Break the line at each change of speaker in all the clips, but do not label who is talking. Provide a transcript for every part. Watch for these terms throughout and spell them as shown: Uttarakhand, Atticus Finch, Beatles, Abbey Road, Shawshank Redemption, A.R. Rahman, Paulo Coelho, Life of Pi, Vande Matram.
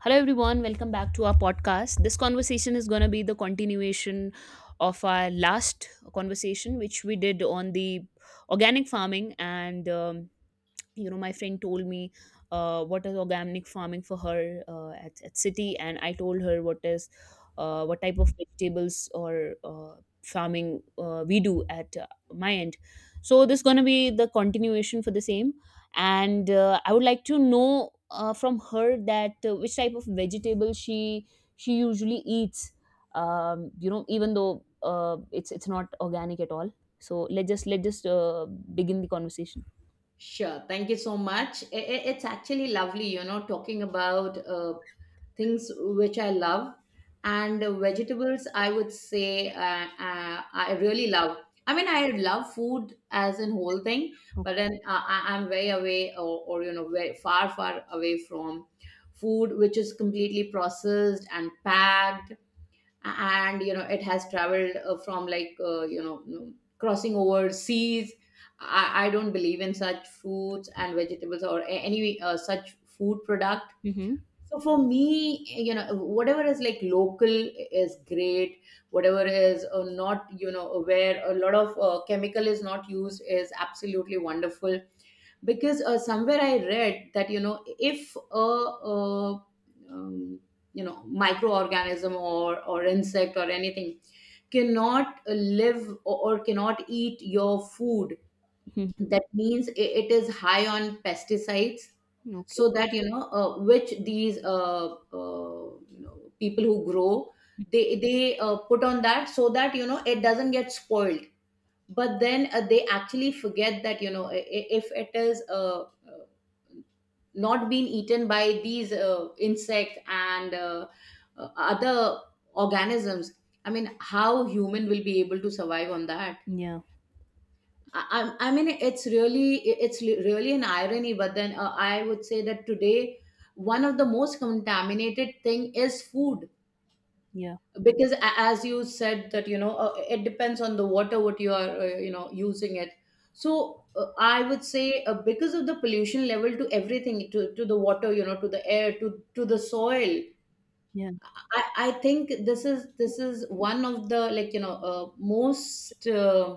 Hello, everyone. Welcome back to our podcast. This conversation is going to be the continuation of our last conversation, which we did on the organic farming and my friend told me what is organic farming for her at city, and I told her what is what type of vegetables or farming we do at my end. So this going to be the continuation for the same, and I would like to know from her that which type of vegetable she usually eats, even though it's not organic at all. So let's just begin the conversation.
Sure. Thank you so much. It's actually lovely, you know, talking about things which I love and vegetables. I would say I really love. I mean, I love food as in whole thing, but then I'm very away or you know very far away from food which is completely processed and packed, and you know it has traveled from like you know crossing over seas. I don't believe in such fruits and vegetables or any such food product.
Okay.
So for me, you know, whatever is like local is great. Whatever is not, you know, where a lot of chemical is not used, is absolutely wonderful, because somewhere I read that, you know, if uh um, you know, microorganism or insect or anything cannot live or cannot eat your food,
Mhm.
that means it is high on pesticides.
Okay.
So that, you know, which these you know, people who grow, they put on that so that, you know, it doesn't get spoiled. But then they actually forget that, you know, if it is uh, not being eaten by these insects and other organisms, I mean how human will be able to survive on that.
Yeah,
I mean, it's really really an irony. But then I would say that today, one of the most contaminated thing is food,
yeah,
because as you said that, you know, it depends on the water what you are you know using it. So I would say because of the pollution level to everything, to the water, you know, to the air, to the soil,
yeah,
I think this is one of the, like, you know, most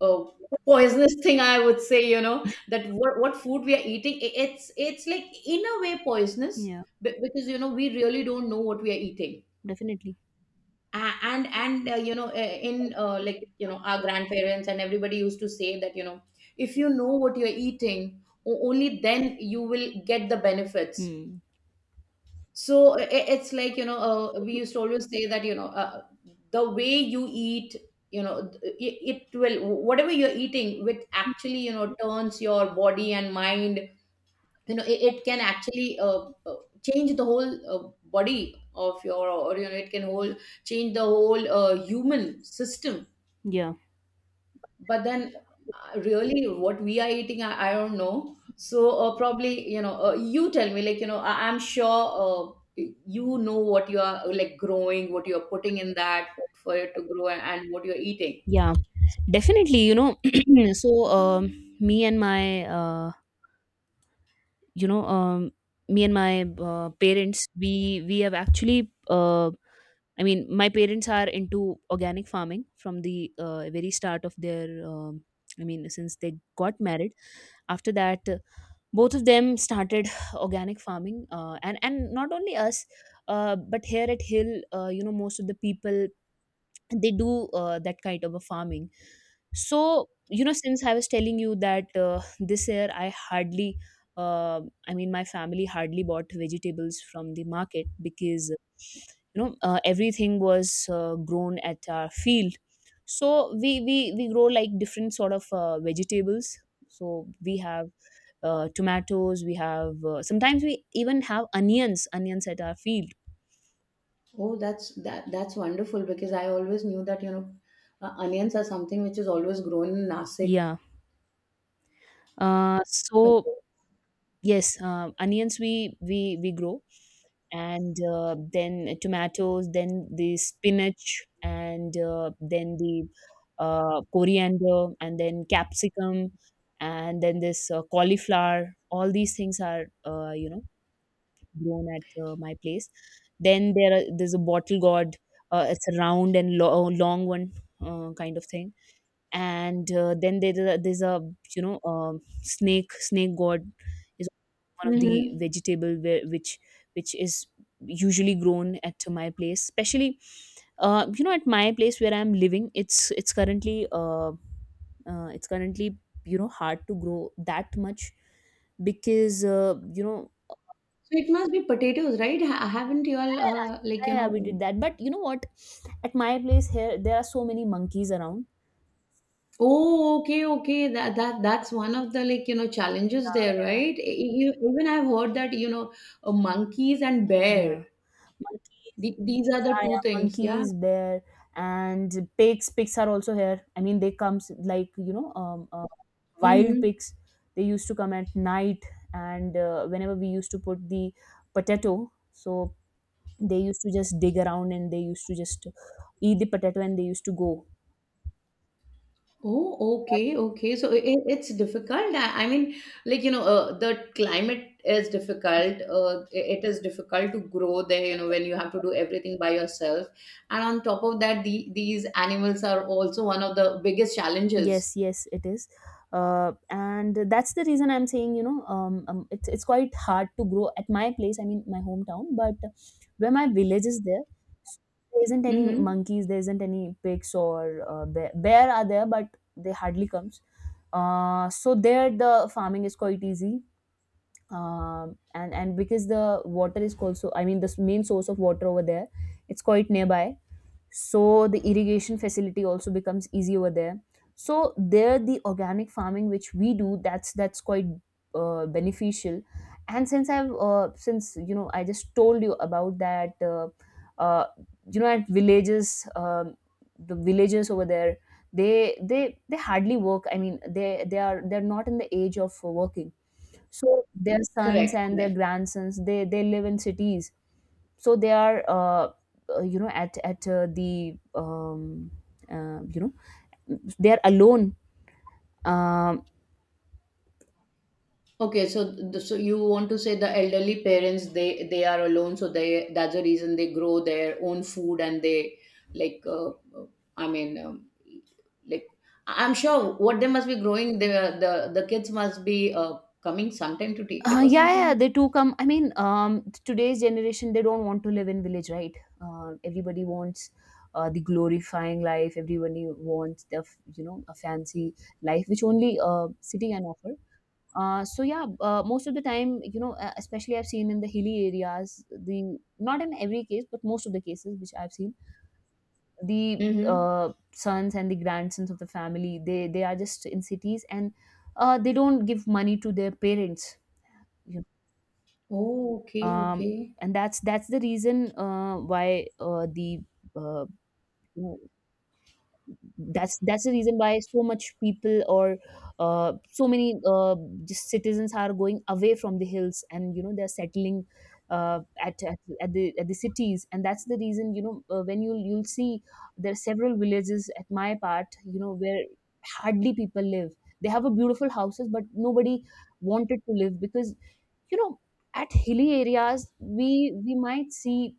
uh, poisonous thing, I would say, you know, what food we are eating. It's like in a way poisonous,
yeah,
because, you know, we really don't know what we are eating.
definitely.
And you know, in like, you know, our grandparents and everybody used to say that, you know, if you know what you're eating, only then you will get the benefits.
Hmm.
So it's like, you know, we used to always say that, you know, the way you eat, you know, it will, whatever you're eating, which actually, you know, turns your body and mind, you know, it can actually uh, change the whole body of your, or, you know, it can whole, change the whole human system.
Yeah,
But then really what we are eating, I don't know. So probably, you know, you tell me, like, you know, I'm sure you know what you are like growing, what you are putting in that for it to grow, and what you're eating.
yeah,
So,
definitely. You know, so me and my uh, you know, um, me and my parents, we have actually I mean, my parents are into organic farming from the very start of their I mean, since they got married. After that, both of them started organic farming, and not only us, but here at hill, most of the people, they do that kind of a farming. So since I was telling you that this year, uh, I mean my family hardly bought vegetables from the market, because everything was grown at our field. So we grow like different sort of vegetables. So we have tomatoes, we have sometimes we even have onions at our field.
oh, that's that's wonderful, because I always knew that, you know, onions are something which is always grown in Nasik.
Yeah, so yes, onions we grow, and then tomatoes, then the spinach, and then the coriander and then capsicum and then this cauliflower. All these things are, grown at my place. Then there's a bottle gourd, it's a round and long one, kind of thing. And then there's a, snake god is one of the
Mhm.
vegetable where, which is usually grown at my place, especially at my place where I'm living. It's currently, hard to grow that much, because
So it must be potatoes, right? Ha Haven't you all like, you
yeah,
know?
yeah, we did that, but you know what, at my place here, there are so many monkeys around.
Oh, okay, okay. That that's one of the, like, you know, challenges there, right? Even I've heard that, you know, monkeys and bear.
Yeah, monkeys.
These are the
Yeah,
two
yeah,
things. Yeah.
monkeys, bear, and pigs. Pigs are also here. I mean, they comes like, wild
Mm-hmm.
pigs. They used to come at night, and whenever we used to put the potato, so they used to just dig around and they used to just eat the potato and they used to go.
Oh, okay, okay. So it's difficult. I mean, like, you know, the climate is difficult. It is difficult to grow there, you know, when you have to do everything by yourself. And on top of that, these animals are also one of the biggest challenges.
Yes, yes, it is, and that's the reason I'm saying, it's quite hard to grow at my place. I mean, my hometown. But where my village is there, s- there isn't any
Mm-hmm.
monkeys, there isn't any pigs or bear. Bear are there, but they hardly comes. So there the farming is quite easy, and because the water is also, I mean, the main source of water over there, it's quite nearby, so the irrigation facility also becomes easy over there. So there, the organic farming which we do, that's quite, beneficial. And since I just told you about that, uh, at villages, the villagers over there, they hardly work. I mean, they're not in the age of working. So their sons
Correct,
and their
correct.
grandsons, they live in cities. So they are you know at the uh, you know they are alone, um,
Okay, so so you want to say the elderly parents, they are alone, so they, that's the reason they grow their own food, and they like uh, I mean, like, I'm sure what they must be growing, the the kids must be coming sometime to take it or
yeah, yeah,
something.
they too come. I mean, today's generation, they don't want to live in village, right? Uh, everybody wants the glorifying life. Everybody wants the f- you know a fancy life which only city can offer. So yeah, most of the time, especially I've seen in the hilly areas, the not in every case, but most of the cases which I've seen, the
Mm-hmm.
sons and the grandsons of the family, they are just in cities, and they don't give money to their parents, you
Oh,
know,
okay,
um,
okay.
and that's the reason why the uh, that's the reason why so much people or so many just citizens are going away from the hills, and they're settling at the cities. And that's the reason, when you'll see there are several villages at my part, where hardly people live. They have a beautiful houses, but nobody wanted to live, because you know at hilly areas, we might see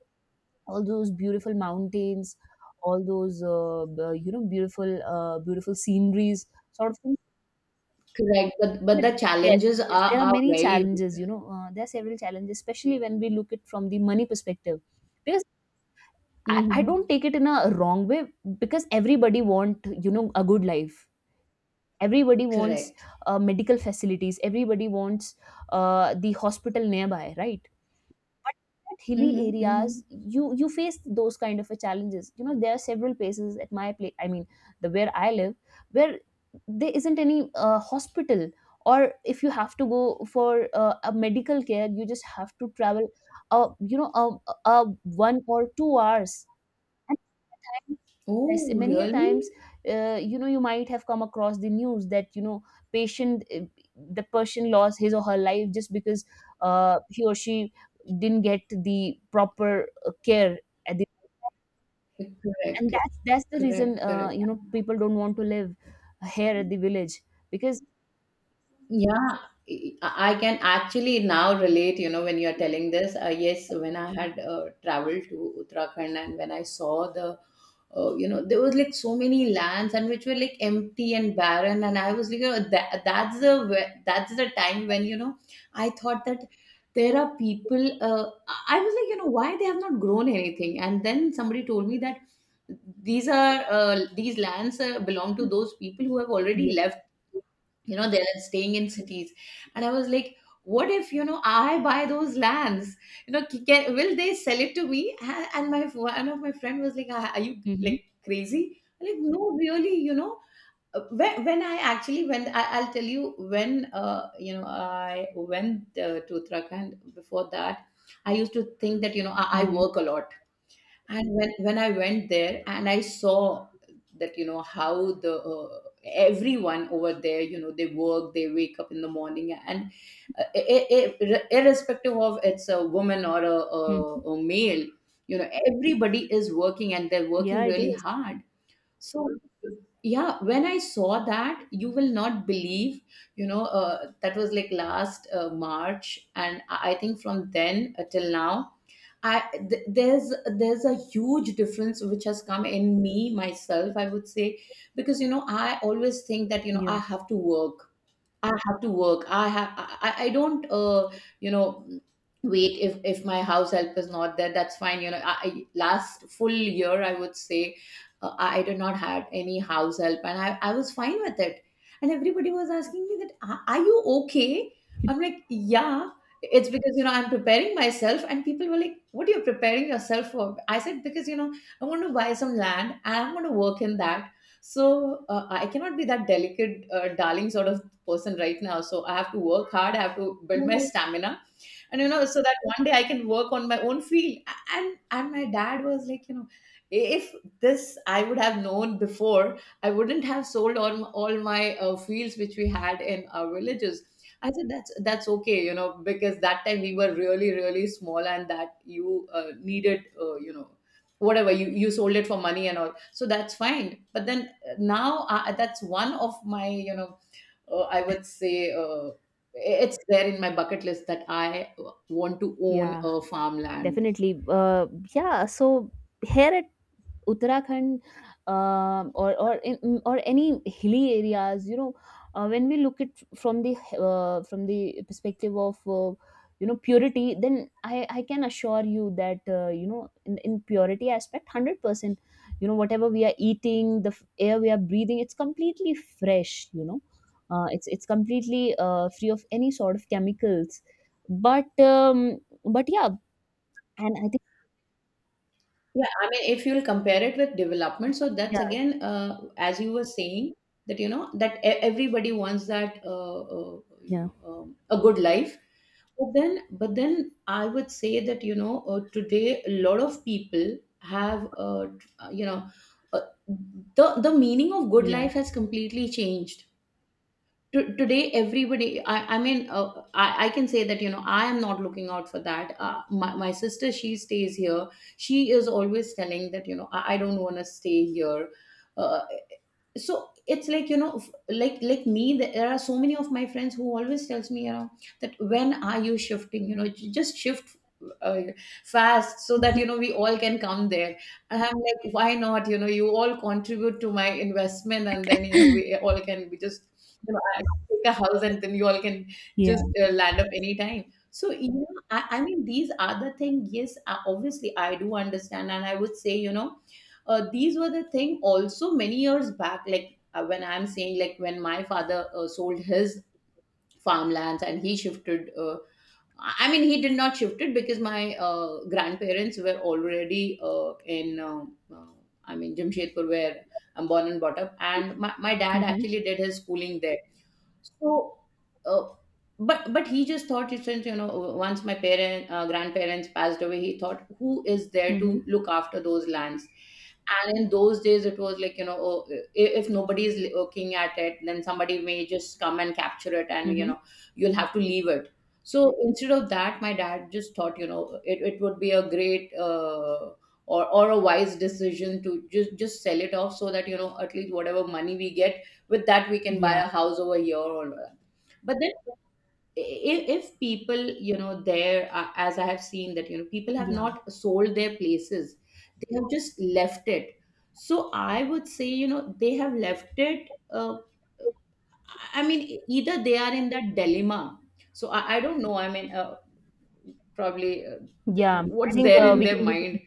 all those beautiful mountains, all those beautiful sceneries, sort of thing.
Correct, but
But
the
yes,
challenges
yes, there are
are
many
very
challenges. You know, there are several challenges, especially when we look at from the money perspective, because I don't
Mm-hmm.
take it in a wrong way, because everybody want, a good life. Everybody wants
Correct.
medical facilities. Everybody wants the hospital nearby, right? But at hilly
Mm-hmm. Mm-hmm.
areas, you face those kind of a challenges. You know, there are several places at my place. I mean, the where I live, where there isn't any hospital. Or if you have to go for a medical care, you just have to travel, a 1 or 2 hours. And yes,
Oh,
many a
really?
times, you might have come across the news that, you know, patient, uh, the person lost his or her life, just because he or she didn't get the proper care at the, and
Correct.
that's the reason,
Correct. Correct.
people don't want to live here at the village, because
Yeah, I can actually now relate, you know, when you're telling this. Yes, when I had traveled to Uttarakhand and when I saw the, you know, there was like so many lands and which were like empty and barren. And I was like, you know, that's the, that's the time when, you know, I thought that there are people, I was like, you know, why they have not grown anything. And then somebody told me that these are, these lands belong to those people who have
yeah.
already left, you know, they're staying in cities. And I was like, what if, you know, I buy those lands, you know, will they sell it to me? And my, one of my friend was like, are you
Hmm,
like crazy? I'm like, no, really, you know. When I actually, I'll tell you, when uh, you know, I went to Uttarakhand, before that I used to think that, you know, I
hmm,
work a lot. And when I went there and I saw that, you know, how the everyone over there, you know, they work, they wake up in the morning, and irrespective of it's a woman or
hmm.
a male, you know, everybody is working and they're working
Yeah, it
really
is.
hard. So, yeah, when I saw that, you will not believe, you know, that was like last March, and I think from then till now, I, there's a huge difference which has come in me myself, I would say, because you know I always think that you know
Yeah,
I have to work, I have to work. I have. I don't. You know, wait. If my house help is not there, that's fine. You know, I last full year, I would say, I did not had any house help, and I was fine with it. And everybody was asking me that, are you okay?" I'm like, "Yeah." It's because you know I'm preparing myself, and people were like, "What are you preparing yourself for?" I said, "Because you know I'm going to buy some land, and I'm going to work in that." So I cannot be that delicate, darling sort of person right now, so I have to work hard, I have to build my stamina, and you know, so that one day I can work on my own field. And my dad was like, you know, if this I would have known before, I wouldn't have sold all my fields which we had in our villages. I said that's okay, you know, because that time we were really small, and that you needed you know, whatever you sold it for money and all, so that's fine. But then now that's one of my, you know, I would say it's there in my bucket list that I want to own
yeah,
a farmland.
definitely, yeah. So here at Uttarakhand, or or any hilly areas, when we look at from the perspective of, purity, then I can assure you that, in purity aspect, 100%, you know, whatever we are eating, the air we are breathing, it's completely fresh, you know. It's completely free of any sort of chemicals, but um, but yeah, and I think
Yeah, I mean, if you'll compare it with development, so
yeah,
that's again, as you were saying, that you know that everybody wants that you
yeah,
know, a good life. But then I would say that you know today a lot of people have you know, uh, the meaning of good
yeah,
life has completely changed. Today everybody, I mean I can say that you know I am not looking out for that. My sister, she stays here. She is always telling that you know, I don't want to stay here. uh, so it's like you know, like me, there are so many of my friends who always tells me, you know, that when are you shifting, you know, just shift uh, fast so that you know we all can come there. And I'm like, why not? You know, you all contribute to my investment and then you know we all can, we just, you know, take a house, and then you all can
yeah.
just land up anytime. So, you know, I mean, these are the thing. Yes, I, obviously, I do understand. And I would say, you know, these were the thing also many years back, like when I'm saying, like when my father sold his farmlands and he shifted. I mean, he did not shift it because my grandparents were already uh, I mean, Jamshedpur, where I'm born and brought up. And my dad
Mm-hmm.
actually did his schooling there. So, uh, but he just thought it's, since you know once my parent, grandparents passed away, he thought who is there to look after those lands. And in those days, it was like you know, oh, if nobody is looking at it, then somebody may just come and capture it, and you
Mm-hmm.
know, you'll have to leave it. So instead of that, my dad just thought, you know, it would be a great uh, or a wise decision to just sell it off, so that you know at least whatever money we get, with that we can buy
Yeah,
a house over here or whatever. But then if people, you know, there, as I have seen that you know people have
yeah,
not sold their places, they have just left it. So I would say, you know, they have left it. I mean, either they are in that dilemma. So I don't know, I mean, probably
yeah. I
what's
think
there in
we
their
can we can
mind.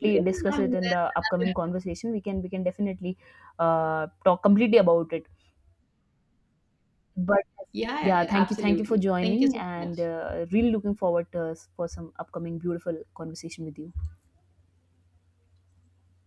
But, yeah,
discuss
I mean,
it in
that-
the upcoming conversation. We can definitely talk completely about it. But
yeah,
yeah,
yeah,
thank you for
absolutely, thank you
joining,
so
and
much.
really looking forward for some upcoming beautiful conversation with you.